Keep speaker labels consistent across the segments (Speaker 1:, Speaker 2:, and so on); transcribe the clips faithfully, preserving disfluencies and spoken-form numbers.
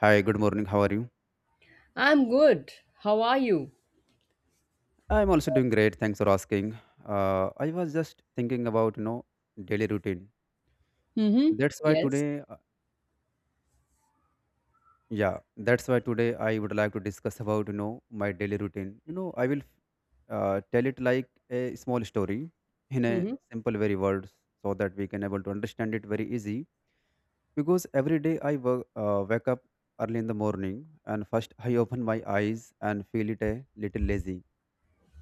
Speaker 1: Hi, good morning. How are you?
Speaker 2: I'm good. How are you?
Speaker 1: I'm also doing great. Thanks for asking. Uh, I was just thinking about, you know, daily routine.
Speaker 2: Mm-hmm.
Speaker 1: That's why
Speaker 2: Yes.
Speaker 1: today, uh, yeah, that's why today I would like to discuss about, you know, my daily routine. You know, I will uh, tell it like a small story in a
Speaker 2: Mm-hmm.
Speaker 1: simple, very words so that we can able to understand it very easy. Because every day I wo- uh, wake up early in the morning and first I open my eyes and feel it a little lazy.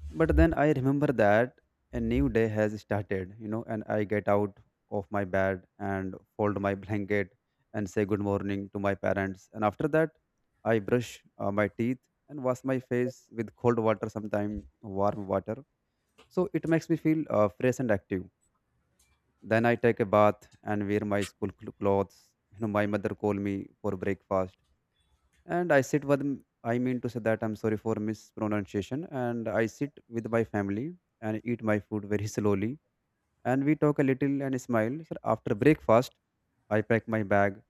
Speaker 1: But then I remember that a new day has started, you know, and I get out of my bed and fold my blanket and say good morning to my parents. And after that, I brush uh, my teeth and wash my face with cold water, sometimes warm water. So it makes me feel uh, fresh and active. Then I take a bath and wear my school cl- clothes. You know, my mother call me for breakfast and I sit with I mean to say that I'm sorry for mispronunciation, and I sit with my family and eat my food very slowly, and we talk a little and smile. So after breakfast I pack my bag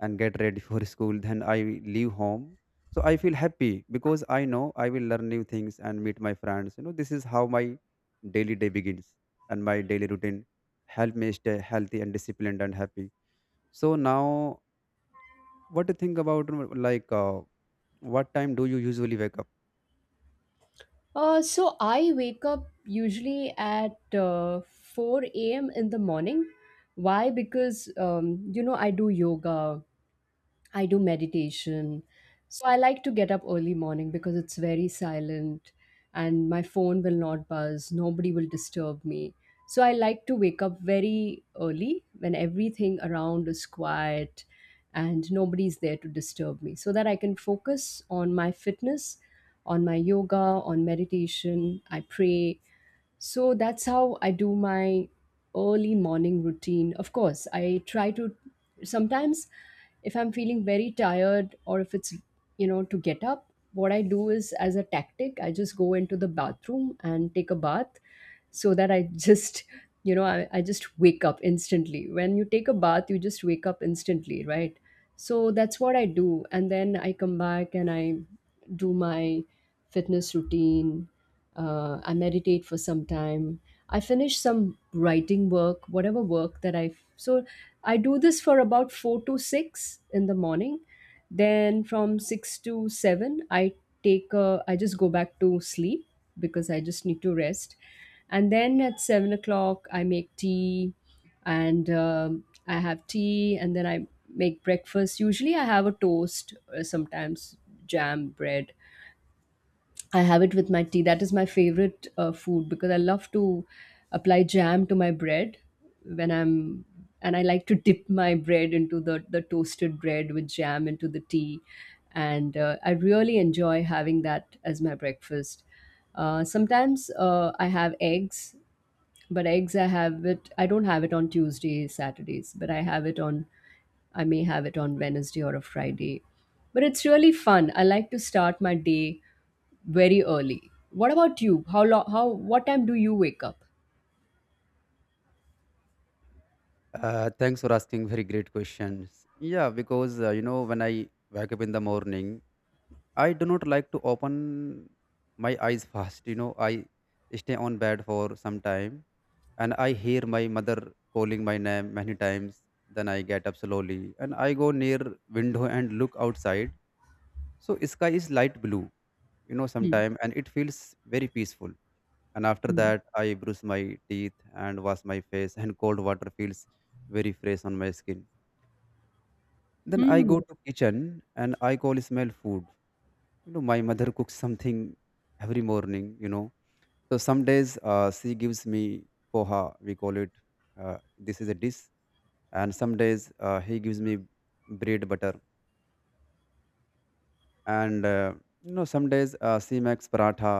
Speaker 1: and get ready for school, then I leave home. So I feel happy because I know I will learn new things and meet my friends. You know, this is how my daily day begins, and my daily routine help me stay healthy and disciplined and happy. So now, what do you think about uh, like uh, what time do you usually wake up?
Speaker 2: Uh, so I wake up usually at uh, four a m in the morning. Why? Because, um, you know, I do yoga. I do meditation. So I like to get up early morning because it's very silent and my phone will not buzz, nobody will disturb me. So I like to wake up very early when everything around is quiet and nobody's there to disturb me so that I can focus on my fitness, on my yoga, on meditation. I pray. So that's how I do my early morning routine. Of course, I try to sometimes if I'm feeling very tired or if it's, you know, to get up, what I do is as a tactic, I just go into the bathroom and take a bath so that I just, you know, I, I just wake up instantly. When you take a bath, you just wake up instantly, right? So that's what I do. And then I come back and I do my fitness routine. Uh, I meditate for some time. I finish some writing work, whatever work that I. So I do this for about four to six in the morning, then from six to seven, I take a, I just go back to sleep because I just need to rest. And then at seven o'clock, I make tea and um, I have tea and then I make breakfast. Usually I have a toast, uh, sometimes jam, bread, I have it with my tea. That is my favorite uh, food because I love to apply jam to my bread when I'm, and I like to dip my bread into the the toasted bread with jam into the tea, and uh, I really enjoy having that as my breakfast. Uh, sometimes uh, I have eggs, but eggs I have it. I don't have it on Tuesdays, Saturdays, but I have it on. I may have it on Wednesday or a Friday, but it's really fun. I like to start my day very early. What about you? How long? How? What time do you wake up?
Speaker 1: Uh, thanks for asking. Very great questions. Yeah, because uh, you know, when I wake up in the morning, I do not like to open my eyes fast. You know, I stay on bed for some time, and I hear my mother calling my name many times. Then I get up slowly and I go near window and look outside. So sky is light blue, you know,
Speaker 2: Hmm.
Speaker 1: sometime, and it feels very peaceful. And after
Speaker 2: Hmm.
Speaker 1: that I brush my teeth and wash my face, and cold water feels very fresh on my skin. Then I
Speaker 2: Hmm.
Speaker 1: go to kitchen and I call smell food. You know, my mother cooks something every morning, you know. So some days uh, she gives me poha, we call it, uh, this is a dish. And some days uh, he gives me bread butter, and uh, you know, some days uh, she makes paratha,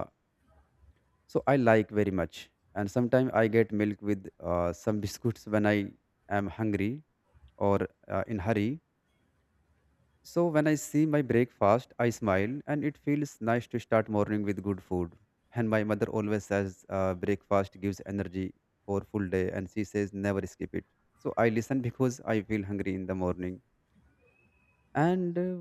Speaker 1: so I like very much. And sometimes I get milk with uh, some biscuits when I am hungry or uh, in hurry. So when I see my breakfast I smile, and it feels nice to start morning with good food. And my mother always says uh, breakfast gives energy for full day, and she says never skip it. So I listen because I feel hungry in the morning. And uh,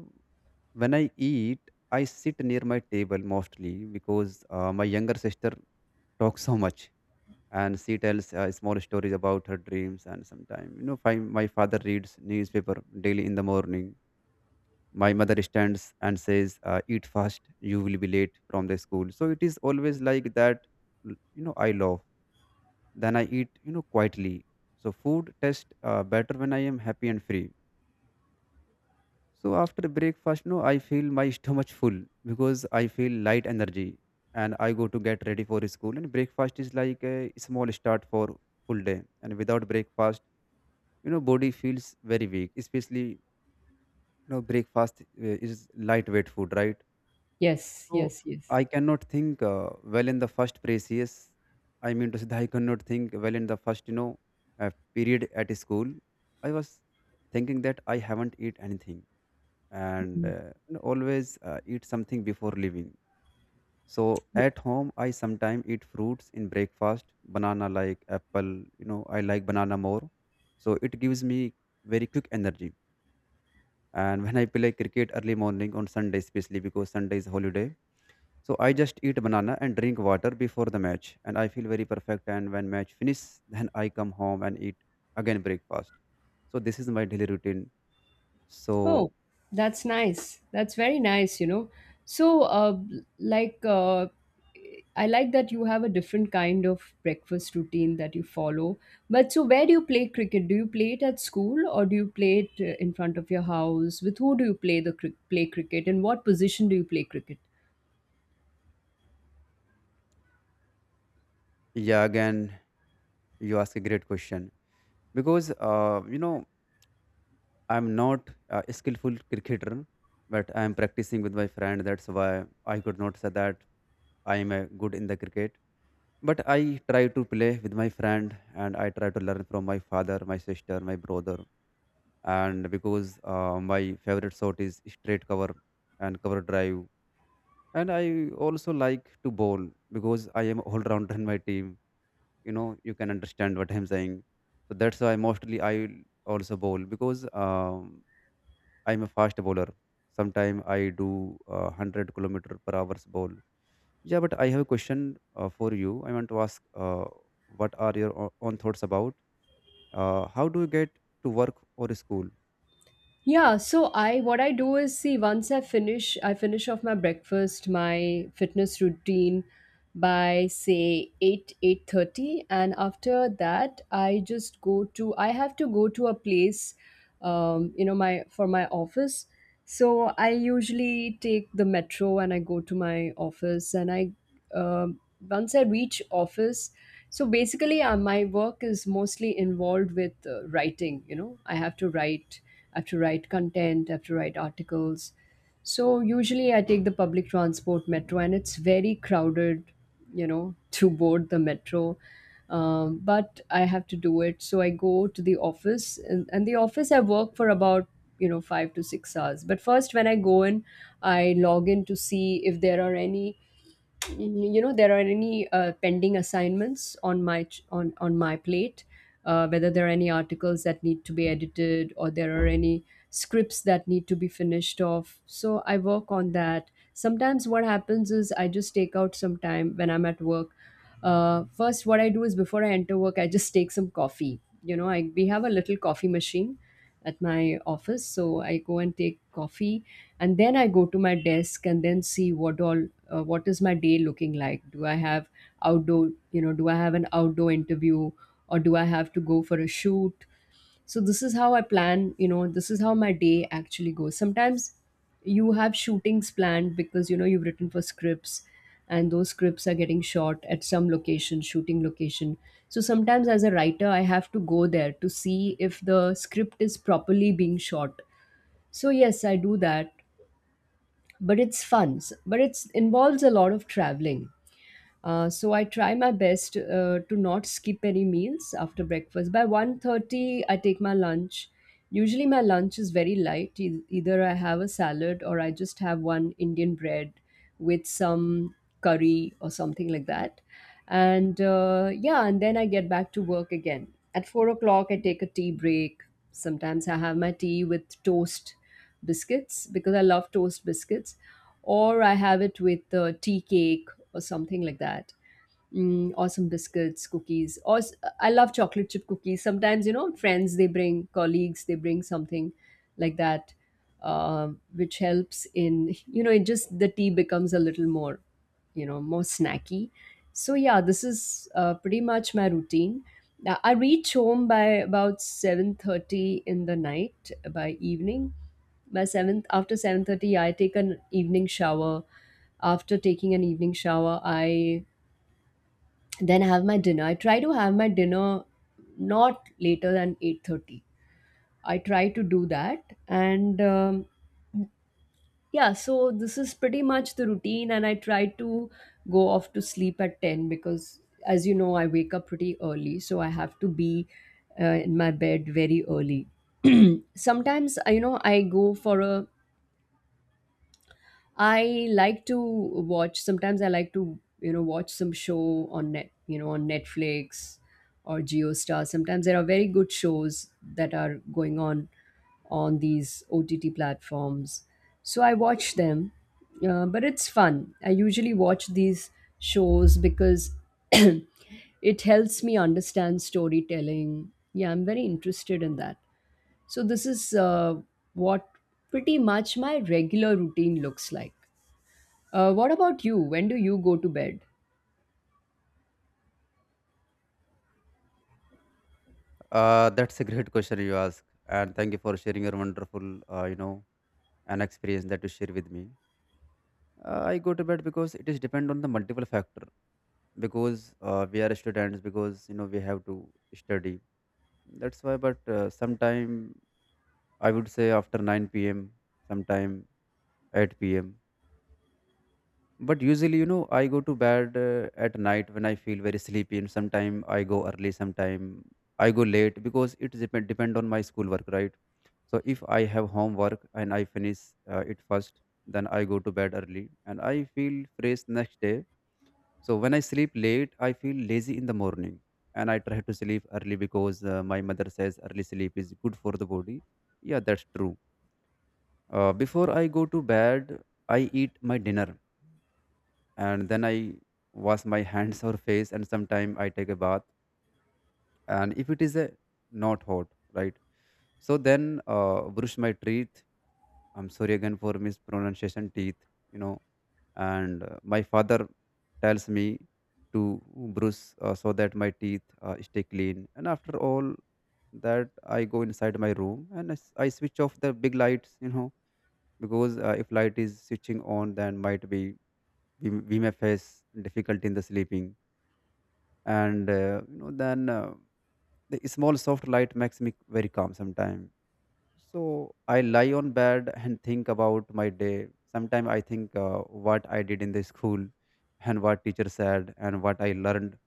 Speaker 1: when I eat, I sit near my table mostly because uh, my younger sister talks so much, and she tells uh, small stories about her dreams. And sometimes, you know, fi- my father reads newspaper daily in the morning. My mother stands and says uh, eat fast, you will be late from the school. So it is always like that. L- you know, I love. Then I eat, you know, quietly. So food tastes uh, better when I am happy and free. So after breakfast, no, I feel my stomach full because I feel light energy, and I go to get ready for school. And breakfast is like a small start for full day, and without breakfast, you know, body feels very weak, especially, you know, breakfast uh, is lightweight food, right?
Speaker 2: Yes,
Speaker 1: So
Speaker 2: yes, yes.
Speaker 1: I cannot think uh, well in the first precious I mean to say that I cannot think well in the first, you know, uh, period at school. I was thinking that I haven't eat anything, and
Speaker 2: Hmm.
Speaker 1: uh, you know, always uh, eat something before leaving. So at home I sometimes eat fruits in breakfast, banana, like apple. You know, I like banana more, so it gives me very quick energy. And when I play cricket early morning on Sunday, especially because Sunday is holiday, so I just eat banana and drink water before the match, and I feel very perfect. And when match finish, then I come home and eat again breakfast. So this is my daily routine.
Speaker 2: Oh,
Speaker 1: So
Speaker 2: that's nice. That's very nice, you know. So, uh, like, uh, I like that you have a different kind of breakfast routine that you follow. But so, where do you play cricket? Do you play it at school or do you play it uh, in front of your house? With who do you play the cri- play cricket? In what position do you play cricket?
Speaker 1: yeah, again you ask a great question. Because uh, you know, I'm not a skillful cricketer, but I'm practicing with my friend. That's why I could not say that I am a good in the cricket. But I try to play with my friend, and I try to learn from my father, my sister, my brother. And because uh, my favorite shot is straight cover and cover drive. And I also like to bowl because I am all rounder in my team. You know, you can understand what I'm saying. So that's why mostly I also bowl because um I'm a fast bowler. Sometime I do uh, one hundred kilometer per hours bowl. Yeah, but I have a question uh, for you. I want to ask, uh, what are your o- own thoughts about? Uh, how do you get to work or school?
Speaker 2: Yeah, so I what I do is see once I finish I finish off my breakfast, my fitness routine by say eight eight thirty, and after that I just go to I have to go to a place um you know my for my office. So I usually take the metro and I go to my office and I um once I reach office, so basically uh, my work is mostly involved with uh, writing, you know. I have to write, I have to write content, I have to write articles. So usually I take the public transport metro and it's very crowded, you know, to board the metro. Um, but I have to do it. So I go to the office, and, and the office I work for about, you know, five to six hours. But first when I go in, I log in to see if there are any, you know, there are any uh, pending assignments on my ch- on on my plate, uh, whether there are any articles that need to be edited or there are any scripts that need to be finished off, so I work on that. Sometimes what happens is I just take out some time when I'm at work. Uh, first what I do is before I enter work I just take some coffee, you know. I, we have a little coffee machine at my office. So I go and take coffee, and then I go to my desk and then see what all uh, what is my day looking like. Do I have outdoor, you know, do I have an outdoor interview, or do I have to go for a shoot? So this is how I plan, you know, this is how my day actually goes. Sometimes you have shootings planned because you know you've written for scripts and those scripts are getting shot at some location shooting location, so sometimes as a writer I have to go there to see if the script is properly being shot. So yes, I do that, but it's fun. S- but it's involves a lot of traveling. Uh, so I try my best uh, to not skip any meals after breakfast. By one thirty, I take my lunch. Usually, my lunch is very light. E- Either I have a salad or I just have one Indian bread with some curry or something like that. And uh, yeah, and then I get back to work again. At four o'clock, I take a tea break. Sometimes I have my tea with toast biscuits because I love toast biscuits, or I have it with uh, tea cake or something like that, mm, or some biscuits, cookies. Or s- I love chocolate chip cookies. Sometimes you know, friends they bring, colleagues they bring something like that, uh, which helps in you know, it just the tea becomes a little more, you know, more snacky. So yeah, this is uh, pretty much my routine. Now, I reach home by about seven thirty in the night, by evening, by seventh, after seven thirty I take an evening shower. After taking an evening shower, I then have my dinner. I try to have my dinner not later than eight thirty. I try to do that, and um, yeah, so this is pretty much the routine, and I try to go off to sleep at ten because as you know I wake up pretty early, so I have to be uh, in my bed very early. Sometimes uh, you know I go for a, I like to watch sometimes I like to, you know, watch some show on net, you know, on Netflix or JioStar. Sometimes there are very good shows that are going on on these O T T platforms. So I watch them. Uh, but it's fun. I usually watch these shows because it helps me understand storytelling. Yeah, I'm very interested in that. So this is uh, what pretty much my regular routine looks like. Uh, what about you? When do you go to bed?
Speaker 1: Uh, that's a great question you ask, and thank you for sharing your wonderful, uh, you know, an experience that you share with me. Uh, I go to bed because it is depend on the multiple factor. Because uh, we are students, because you know we have to study. That's why. But uh, sometime I would say after nine p m, sometime eight p m. But usually, you know, I go to bed uh, at night when I feel very sleepy, and sometime I go early, sometime I go late because it depend depend on my schoolwork, right? So if I have homework and I finish uh, it first, then I go to bed early and I feel fresh next day. So when I sleep late, I feel lazy in the morning, and I try to sleep early because uh, my mother says early sleep is good for the body. Yeah, that's true. Uh, before I go to bed, I eat my dinner and then I wash my hands or face, and sometimes I take a bath. And if it is a not hot, right? So then uh, brush my teeth. I'm sorry again for mispronunciation, teeth, you know. And uh, my father tells me to brush uh, so that my teeth uh, stay clean. And after all that, I go inside my room and I s I I switch off the big lights, you know, because uh, if light is switching on, then might be we, we may face difficulty in the sleeping. And uh, you know, then uh, the small soft light makes me very calm sometimes. So I lie on bed and think about my day. Sometimes I think uh, what I did in the school and what teacher said and what I learned.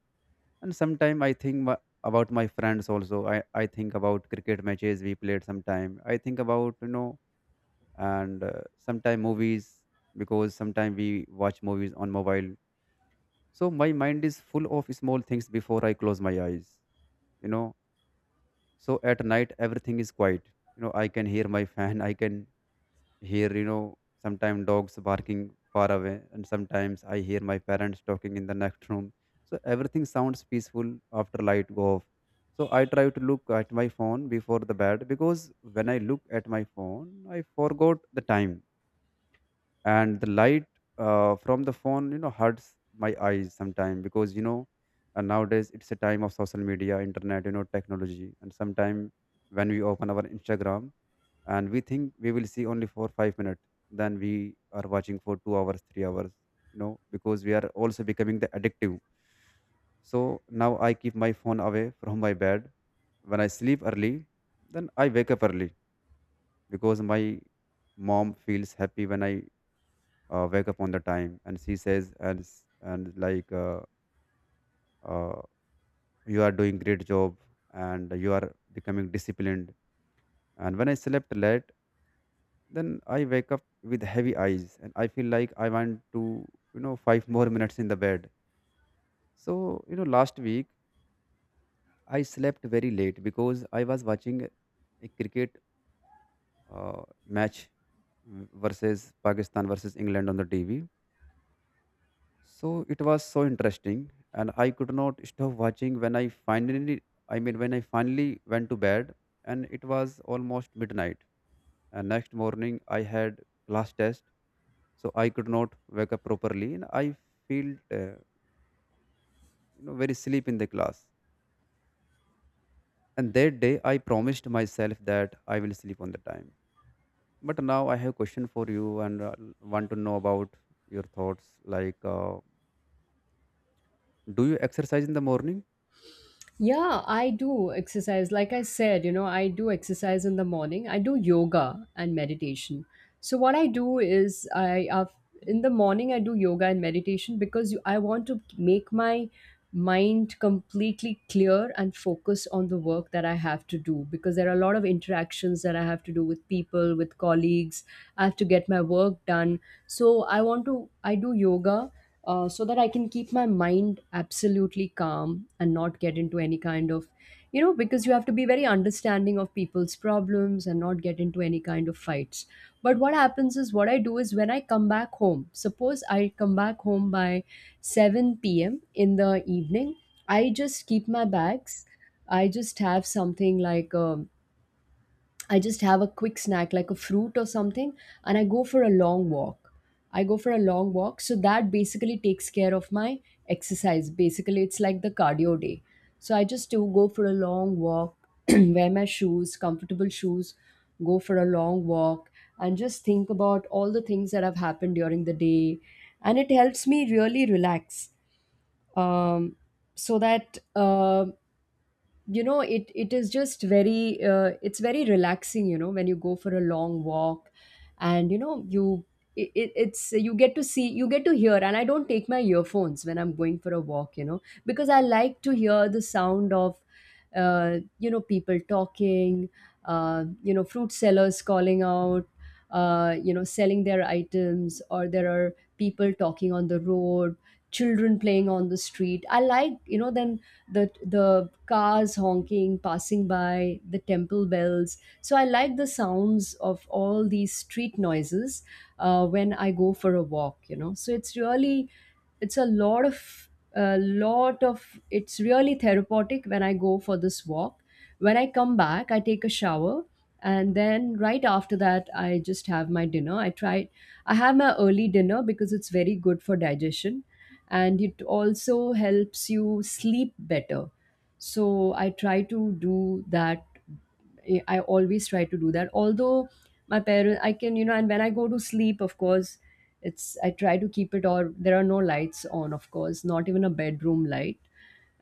Speaker 1: And sometimes I think wha- about my friends also. I, I think about cricket matches we played, sometime I think about, you know. And uh, sometime movies, because sometime we watch movies on mobile. So my mind is full of small things before I close my eyes, you know. So at night everything is quiet. You know, I can hear my fan, I can hear, you know, sometimes dogs barking far away, and sometimes I hear my parents talking in the next room. So everything sounds peaceful after light go off. So I try to look at my phone before the bed, because when I look at my phone I forgot the time, and the light uh, from the phone, you know, hurts my eyes sometimes, because, you know, and nowadays it's a time of social media, internet, you know, technology. And sometime when we open our Instagram, and we think we will see only for five minutes, then we are watching for two hours, three hours, you know, because we are also becoming the addictive. So now I keep my phone away from my bed. When I sleep early, then I wake up early because my mom feels happy when I uh, wake up on the time. And she says, and s- and like uh, uh, you are doing great job and you are becoming disciplined. And when I slept late, then I wake up with heavy eyes and I feel like I want to, you know, five more minutes in the bed. So, you know, last week I slept very late because I was watching a cricket uh, match, versus Pakistan versus England on the TV. So it was so interesting, and I could not stop watching. When I finally, I mean, when I finally went to bed, and it was almost midnight. And next morning, I had class test, so I could not wake up properly, and I felt, uh, you know, very sleep in the class. And that day, I promised myself that I will sleep on the time. But now I have a question for you, and uh, want to know about your thoughts. Like, uh, do you exercise in the morning?
Speaker 2: Yeah, I do exercise. Like I said, you know, I do exercise in the morning. I do yoga and meditation. So what I do is I af- in the morning I do yoga and meditation because you, I want to make my mind completely clear and focus on the work that I have to do because there are a lot of interactions that I have to do with people, with colleagues. I have to get my work done. So I want to I do yoga uh, so that I can keep my mind absolutely calm and not get into any kind of, you know, because you have to be very understanding of people's problems and not get into any kind of fights. But what happens is what I do is when I come back home, suppose I come back home by seven p m in the evening, I just keep my bags. I just have something like a I just have a quick snack like a fruit or something and I go for a long walk. I go for a long walk. So that basically takes care of my exercise. Basically, it's like the cardio day. So I just do go for a long walk, wear my shoes, comfortable shoes, go for a long walk and just think about all the things that have happened during the day. And it helps me really relax um, so that. um you know it it is just very uh, it's very relaxing, you know, when you go for a long walk. And you know you it, it- it's you get to see, you get to hear, and I don't take my earphones when I'm going for a walk, you know, because I like to hear the sound of uh, you know, people talking, uh, you know, fruit sellers calling out, uh, you know, selling their items, or there are people talking on the road, children playing on the street. I like, you know, them, the the cars honking passing by, the temple bells. So I like the sounds of all these street noises uh, when I go for a walk, you know. So it's really, it's a lot of, a lot of it's really therapeutic when I go for this walk. When I come back, I take a shower, and then right after that, I just have my dinner. i try I have my early dinner because it's very good for digestion, and it also helps you sleep better. So I try to do that. I I always try to do that. Although my parents, I can, you know, and when I go to sleep, of course, it's, I try to keep it, or there are no lights on, of course, not even a bedroom light.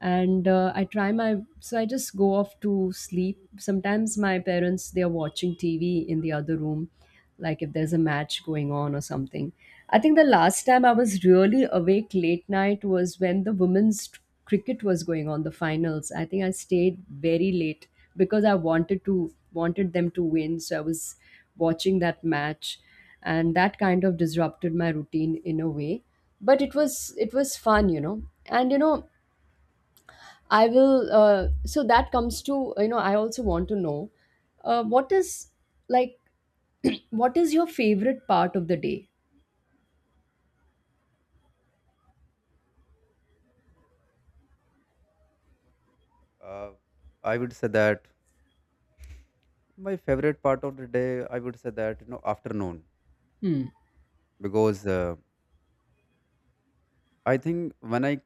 Speaker 2: And uh, I try my, so I just go off to sleep. Sometimes my parents, they are watching TV in the other room, like if there's a match going on or something. I think the last time I was really awake late night was when the women's t- cricket was going on, the finals. I think I stayed very late because I wanted to wanted them to win, so I was watching that match. And that kind of disrupted my routine in a way, but it was, it was fun, you know. And you know I will. Uh, so that comes to you know. I also want to know uh, what is, like what is your favorite part of the day?
Speaker 1: Uh, I would say that my favorite part of the day, I would say that, you know, afternoon,
Speaker 2: Hmm.
Speaker 1: because uh, I think when I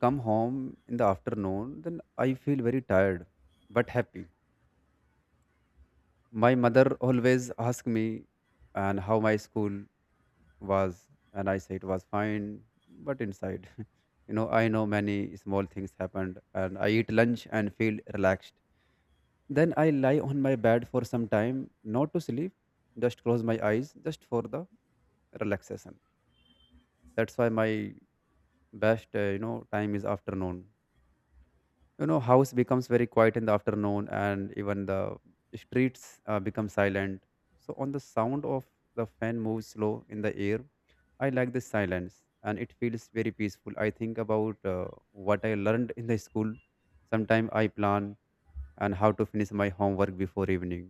Speaker 1: come home in the afternoon, then I feel very tired but happy. My mother always asked me and how my school was, and I say it was fine, but inside, you know, I know many small things happened, and I eat lunch and feel relaxed. Then I lie on my bed for some time, not to sleep, just close my eyes, just for the relaxation. That's why my best uh, you know time is afternoon. You know, house becomes very quiet in the afternoon, and even the streets uh, become silent. So on the sound of the fan moves slow in the air, I like this silence, and it feels very peaceful. I think about uh, what I learned in the school. Sometimes I plan and how to finish my homework before evening.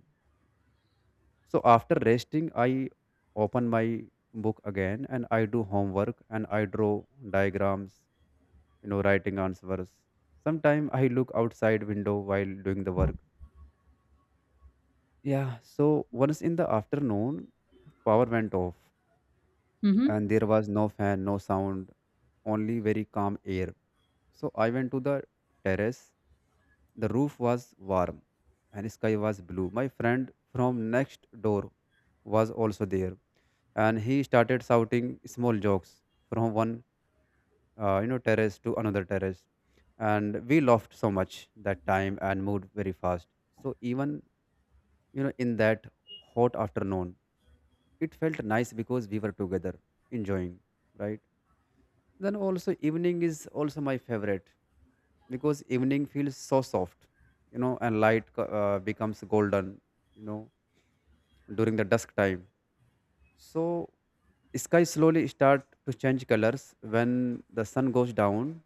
Speaker 1: So after resting, I open my book again, and I do homework, and I draw diagrams, you know, writing answers. Sometimes I look outside window while doing the work, yeah. So once in the afternoon, power went off,
Speaker 2: Mm-hmm.
Speaker 1: and there was no fan, no sound, only very calm air. So I went to the terrace. The roof was warm and sky was blue. My friend from next door was also there, and he started shouting small jokes from one uh, you know terrace to another terrace, and we laughed so much that time and moved very fast. So even, you know, in that hot afternoon, it felt nice because we were together enjoying, right? Then also evening is also my favorite, because evening feels so soft, you know, and light co- uh, becomes golden, you know, during the dusk time. So sky slowly start to change colors when the sun goes down.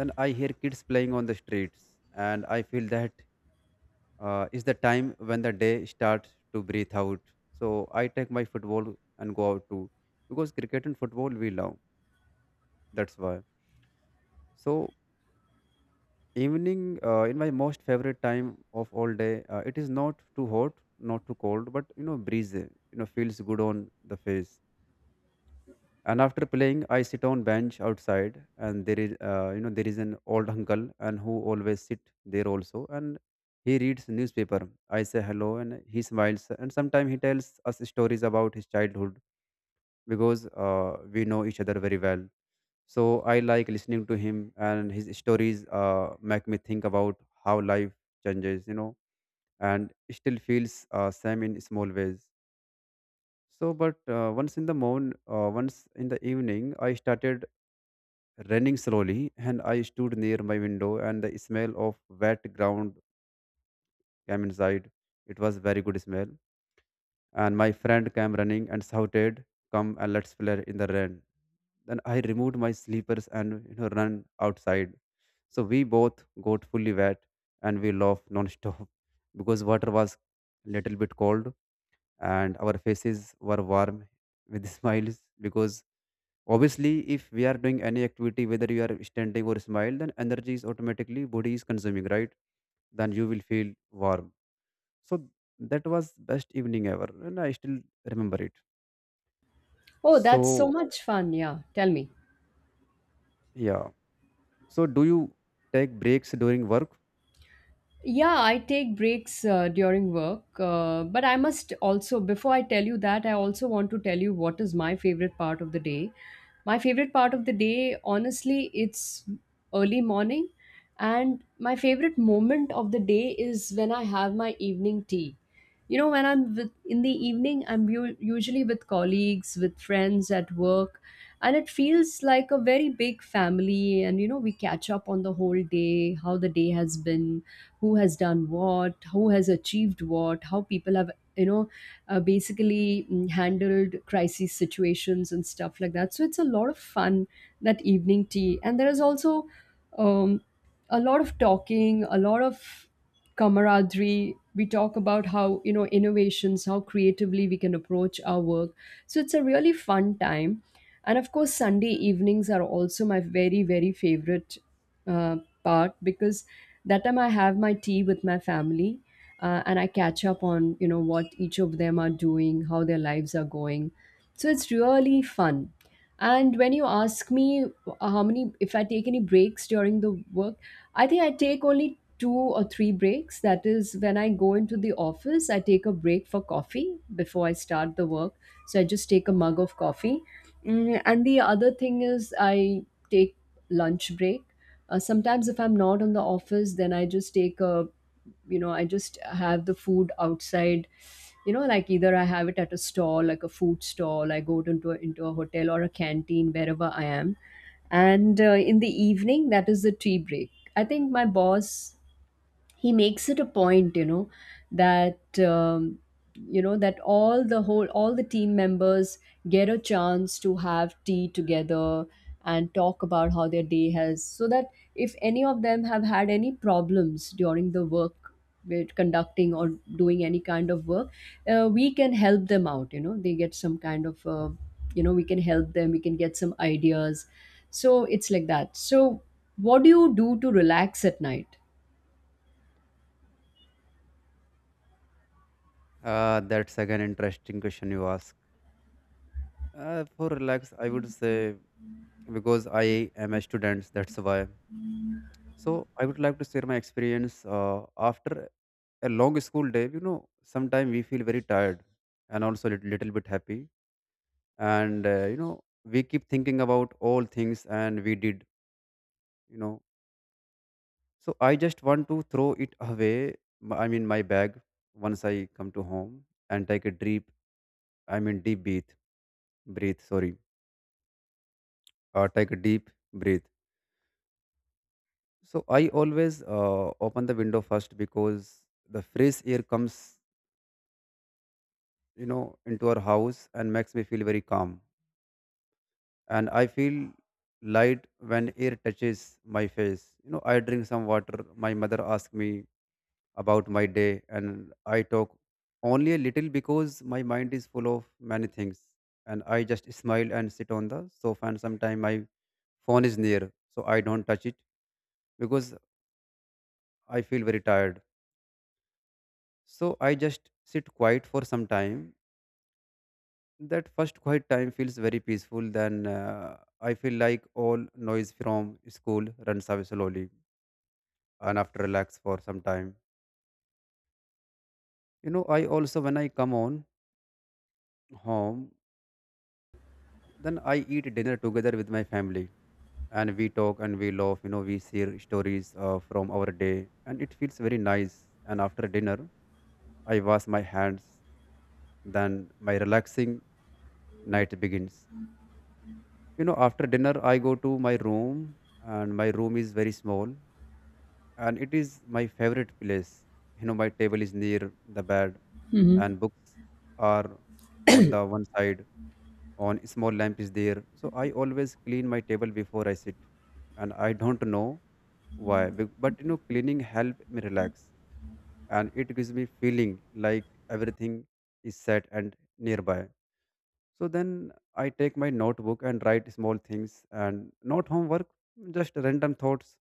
Speaker 1: Then I hear kids playing on the streets, and I feel that uh, is the time when the day starts to breathe out. So I take my football and go out too, because cricket and football we love. That's why. So evening uh, in my most favorite time of all day, uh, it is not too hot, not too cold, but you know breeze. You know feels good on the face. And after playing, I sit on bench outside, and there is, uh, you know, there is an old uncle and who always sit there also, and he reads newspaper. I say hello and he smiles, and sometimes he tells us stories about his childhood, because uh, we know each other very well. So I like listening to him, and his stories uh, make me think about how life changes, you know, and still feels uh, same in small ways. So but uh, once in the morning, uh, once in the evening, I started running slowly, and I stood near my window, and the smell of wet ground came inside. It was very good smell. And my friend came running and shouted, "Come and let's play in the rain." Then I removed my slippers and you know run outside. So we both got fully wet, and we laughed non-stop because water was little bit cold, and our faces were warm with smiles, because obviously, if we are doing any activity, whether you are standing or smile, then energy is automatically body is consuming, right? Then you will feel warm. So that was best evening ever, and I still remember it.
Speaker 2: Oh, that's
Speaker 1: So
Speaker 2: so much fun. Yeah, tell me.
Speaker 1: yeah. So do you take breaks during work?
Speaker 2: Yeah, I take breaks uh, during work, uh, but I must also, before I tell you that, I also want to tell you what is my favorite part of the day. My favorite part of the day, honestly, it's early morning, and my favorite moment of the day is when I have my evening tea. You know, when I'm with, in the evening, I'm u- usually with colleagues, with friends at work, and it feels like a very big family. And you know, we catch up on the whole day, how the day has been, who has done what, who has achieved what, how people have, you know, uh, basically mm, handled crisis situations and stuff like that. So it's a lot of fun, that evening tea. And there is also um, a lot of talking, a lot of camaraderie. We talk about how, you know, innovations, how creatively we can approach our work. So it's a really fun time. And of course, Sunday evenings are also my very, very favorite uh, part, because that time I have my tea with my family, uh, and I catch up on, you know, what each of them are doing, how their lives are going. So it's really fun. And when you ask me uh, how many, if I take any breaks during the work, I think I take only two or three breaks. That is, when I go into the office, I take a break for coffee before I start the work. So I just take a mug of coffee. Mm, and the other thing is, I take lunch break. Uh, sometimes, if I'm not in the office, then I just take a, you know, I just have the food outside, you know, like either I have it at a stall, like a food stall I go to, into a, into a hotel or a canteen, wherever I am. And uh, in the evening, that is the tea break. I think my boss, he makes it a point, you know, that um, you know, that all the whole all the team members get a chance to have tea together and talk about how their day has, so that if any of them have had any problems during the work with conducting or doing any kind of work, uh, we can help them out, you know. They get some kind of, uh, you know we can help them, we can get some ideas. So it's like that. So what do you do to relax at night?
Speaker 1: Uh, that's again interesting question you ask. Uh, for relax, I would say because I am a student, that's why. So I would like to share my experience uh, after a long school day. You know, sometimes we feel very tired, and also a little, little bit happy, and uh, you know we keep thinking about all things and we did, you know. So I just want to throw it away, m- I mean my bag, once I come to home, and take a deep, I mean deep breath, breathe, sorry, uh, take a deep breath. So I always uh, open the window first, because the fresh air comes, you know, into our house and makes me feel very calm. And I feel light when air touches my face. You know, I drink some water. My mother asks me about my day, and I talk only a little because my mind is full of many things. And I just smile and sit on the sofa. And sometimes my phone is near, so I don't touch it because I feel very tired. So I just sit quiet for some time. That first quiet time feels very peaceful. Then uh, I feel like all noise from school runs away slowly. And after relax for some time, you know, I also, when I come on home, then I eat dinner together with my family, and we talk and we laugh. You know, we share stories uh, from our day, and it feels very nice. And after dinner, I wash my hands. Then my relaxing night begins. You know, after dinner, I go to my room, and my room is very small, and it is my favorite place. You know, my table is near the bed, and books are on the one side. On small lamp is there, so I always clean my table before I sit. And I don't know why be- but you know cleaning help me relax, and it gives me feeling like everything is set and nearby. So then I take my notebook and write small things, and not homework, just random thoughts,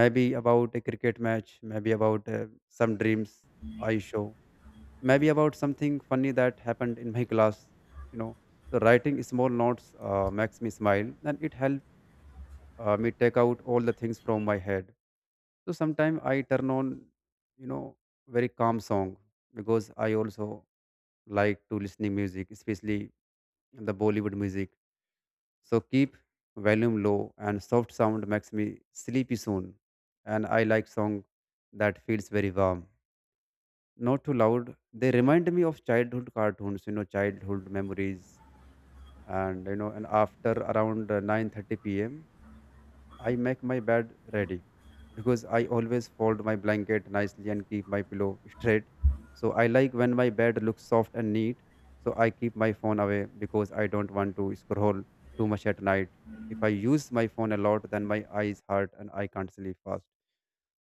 Speaker 1: maybe about a cricket match, maybe about uh, some dreams I show, maybe about something funny that happened in my class, you know. So writing small notes uh, makes me smile, and it helps uh, me take out all the things from my head. So sometimes I turn on, you know, very calm song, because I also like to listening music, especially the Bollywood music. So keep volume low, and soft sound makes me sleepy soon. And I like song that feels very warm. Not too loud. They remind me of childhood cartoons, you know, childhood memories. And you know, and after around uh, nine thirty p m, I make my bed ready, because I always fold my blanket nicely and keep my pillow straight. So I like when my bed looks soft and neat. So I keep my phone away because I don't want to scroll too much at night. If I use my phone a lot, then my eyes hurt and I can't sleep fast.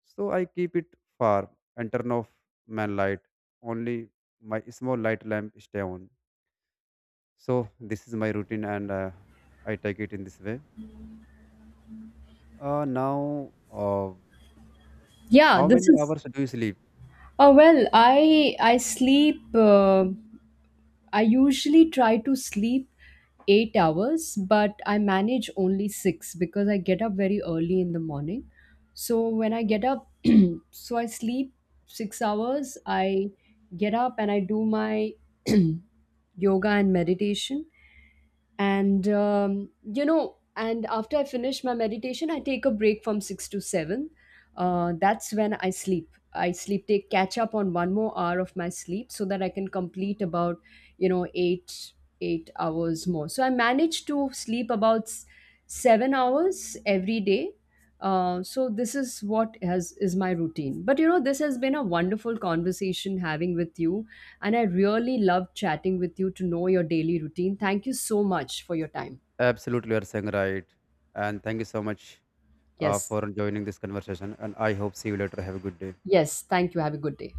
Speaker 1: So I keep it far and turn off my light. Only my small light lamp stay on. So this is my routine, and uh, I take it in this way. Uh, now, uh,
Speaker 2: Yeah,
Speaker 1: how
Speaker 2: this
Speaker 1: many
Speaker 2: is,
Speaker 1: hours do you sleep?
Speaker 2: oh well, I I sleep, uh, I usually try to sleep eight hours, but I manage only six because I get up very early in the morning. So when I get up, so I sleep six hours, I get up and I do my yoga and meditation. And um, you know, and after I finish my meditation, I take a break from six to seven. Uh, that's when I sleep. I sleep take Catch up on one more hour of my sleep, so that I can complete about, you know, eight eight hours more. So I manage to sleep about s- seven hours every day. Uh, so this is what has is my routine. But you know, this has been a wonderful conversation having with you, and I really loved chatting with you to know your daily routine. Thank you so much for your time.
Speaker 1: Absolutely, you're saying right. And thank you so much uh,
Speaker 2: Yes.
Speaker 1: for joining this conversation. And I hope see you later. Have a good day.
Speaker 2: Yes. Thank you. Have a good day.